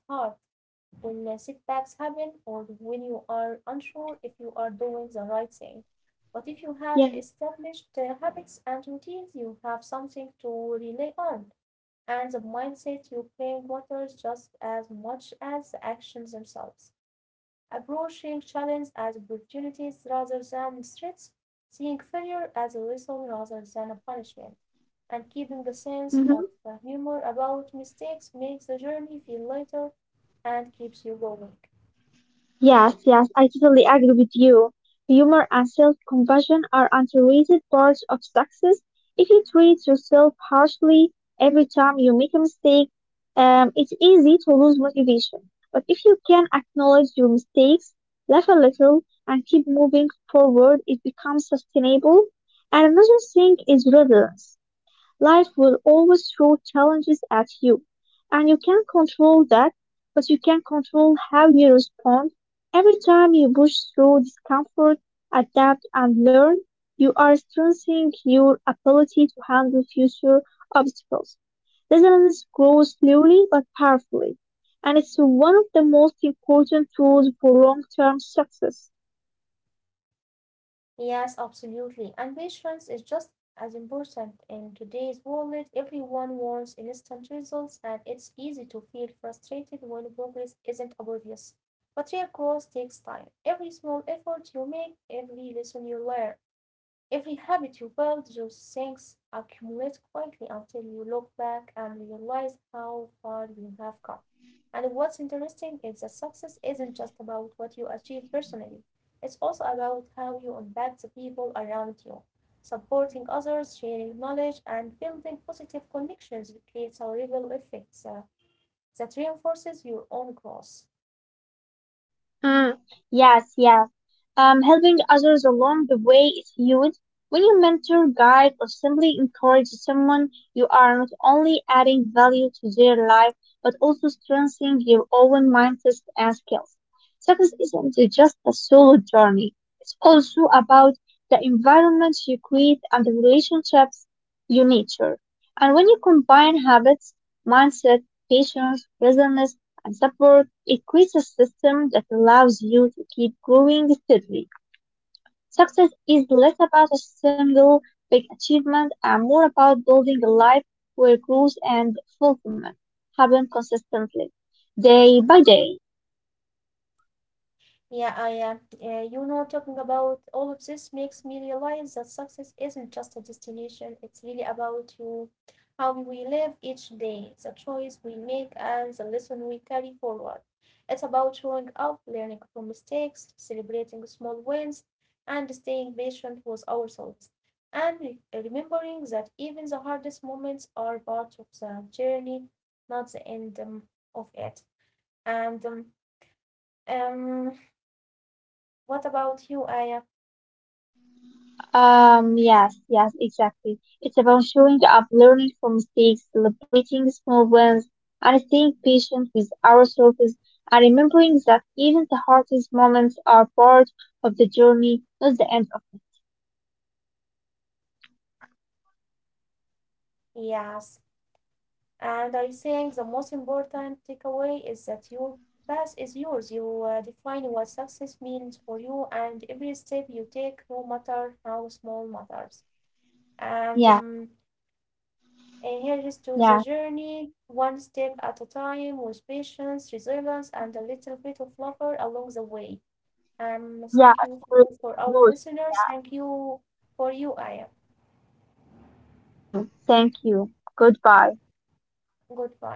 [SPEAKER 1] when uh, setbacks happen, or when you are unsure if you are doing the right thing. But if you have
[SPEAKER 2] Yeah.
[SPEAKER 1] established uh, habits and routines, you have something to rely on. And the mindset you bring matters just as much as the actions themselves approaching challenges as opportunities rather than threats, seeing failure as a lesson rather than a punishment, and keeping a sense
[SPEAKER 2] Mm-hmm.
[SPEAKER 1] of humor about mistakes makes the journey feel lighter and keeps you going.
[SPEAKER 2] Yes, yes, I totally agree with you. Humor and self-compassion are underrated parts of success. If you treat yourself harshly every time you make a mistake, um, it's easy to lose motivation. But if you can acknowledge your mistakes, laugh a little, and keep moving forward, it becomes sustainable. And another thing is resilience. Life will always throw challenges at you, and you can't control that, but you can control how you respond. Every time you push through discomfort, adapt, and learn, you are strengthening your ability to handle future obstacles. Resilience grows slowly but powerfully, and it's one of the most important tools for long-term success.
[SPEAKER 1] Yes, absolutely. And patience is just as important in today's world. Everyone wants instant results, and it's easy to feel frustrated when progress isn't obvious. But real growth takes time. Every small effort you make, every lesson you learn, Every habit you build, those things accumulate quietly until you look back and realize how far you have come. And what's interesting is that success isn't just about what you achieve personally, it's also about how you impact the people around you. Supporting others, sharing knowledge, and building positive connections creates a ripple effect uh, that reinforces your own growth.
[SPEAKER 2] Mm, yes, yes. Um, helping others along the way is huge. When you mentor, guide, or simply encourage someone, you are not only adding value to their life, but also strengthening your own mindset and skills. Success isn't just a solo journey. It's also about the environment you create and the relationships you nurture. And when you combine habits, mindset, patience, resilience, and support a creates a system that allows you to keep growing steadily. Success is less about a single big achievement and more about building a life where growth and fulfillment happen consistently, day by day.
[SPEAKER 1] Yeah, I uh, uh, you know, talking about all of this makes me realize that success isn't just a destination. It's really about you, how we live each day, the choice we make, and the lesson we carry forward. It's about showing up, learning from mistakes, celebrating small wins, and staying patient with ourselves. And re- remembering that even the hardest moments are part of the journey, not the end um, of it. And um, um, what about you, Aya?
[SPEAKER 2] Um, yes, yes, exactly. It's about showing up, learning from mistakes, celebrating small wins, and staying patient with ourselves, and remembering that even the hardest moments are part of the journey, not the end of.
[SPEAKER 1] Yes, and I think the most important takeaway is that your path is yours. You uh, define what success means for you, and every step you take, no matter how small, matters. And
[SPEAKER 2] Yes,
[SPEAKER 1] um, and here is to the
[SPEAKER 2] yes,
[SPEAKER 1] journey, one step at a time, with patience, resilience, and a little bit of laughter along the way. Um, thank
[SPEAKER 2] yes.
[SPEAKER 1] you for,
[SPEAKER 2] Here
[SPEAKER 1] you
[SPEAKER 2] is
[SPEAKER 1] for
[SPEAKER 2] the
[SPEAKER 1] our
[SPEAKER 2] growth.
[SPEAKER 1] listeners.
[SPEAKER 2] Yeah.
[SPEAKER 1] Thank you for you, Aya.
[SPEAKER 2] Thank you. Thank you. Goodbye.
[SPEAKER 1] Goodbye.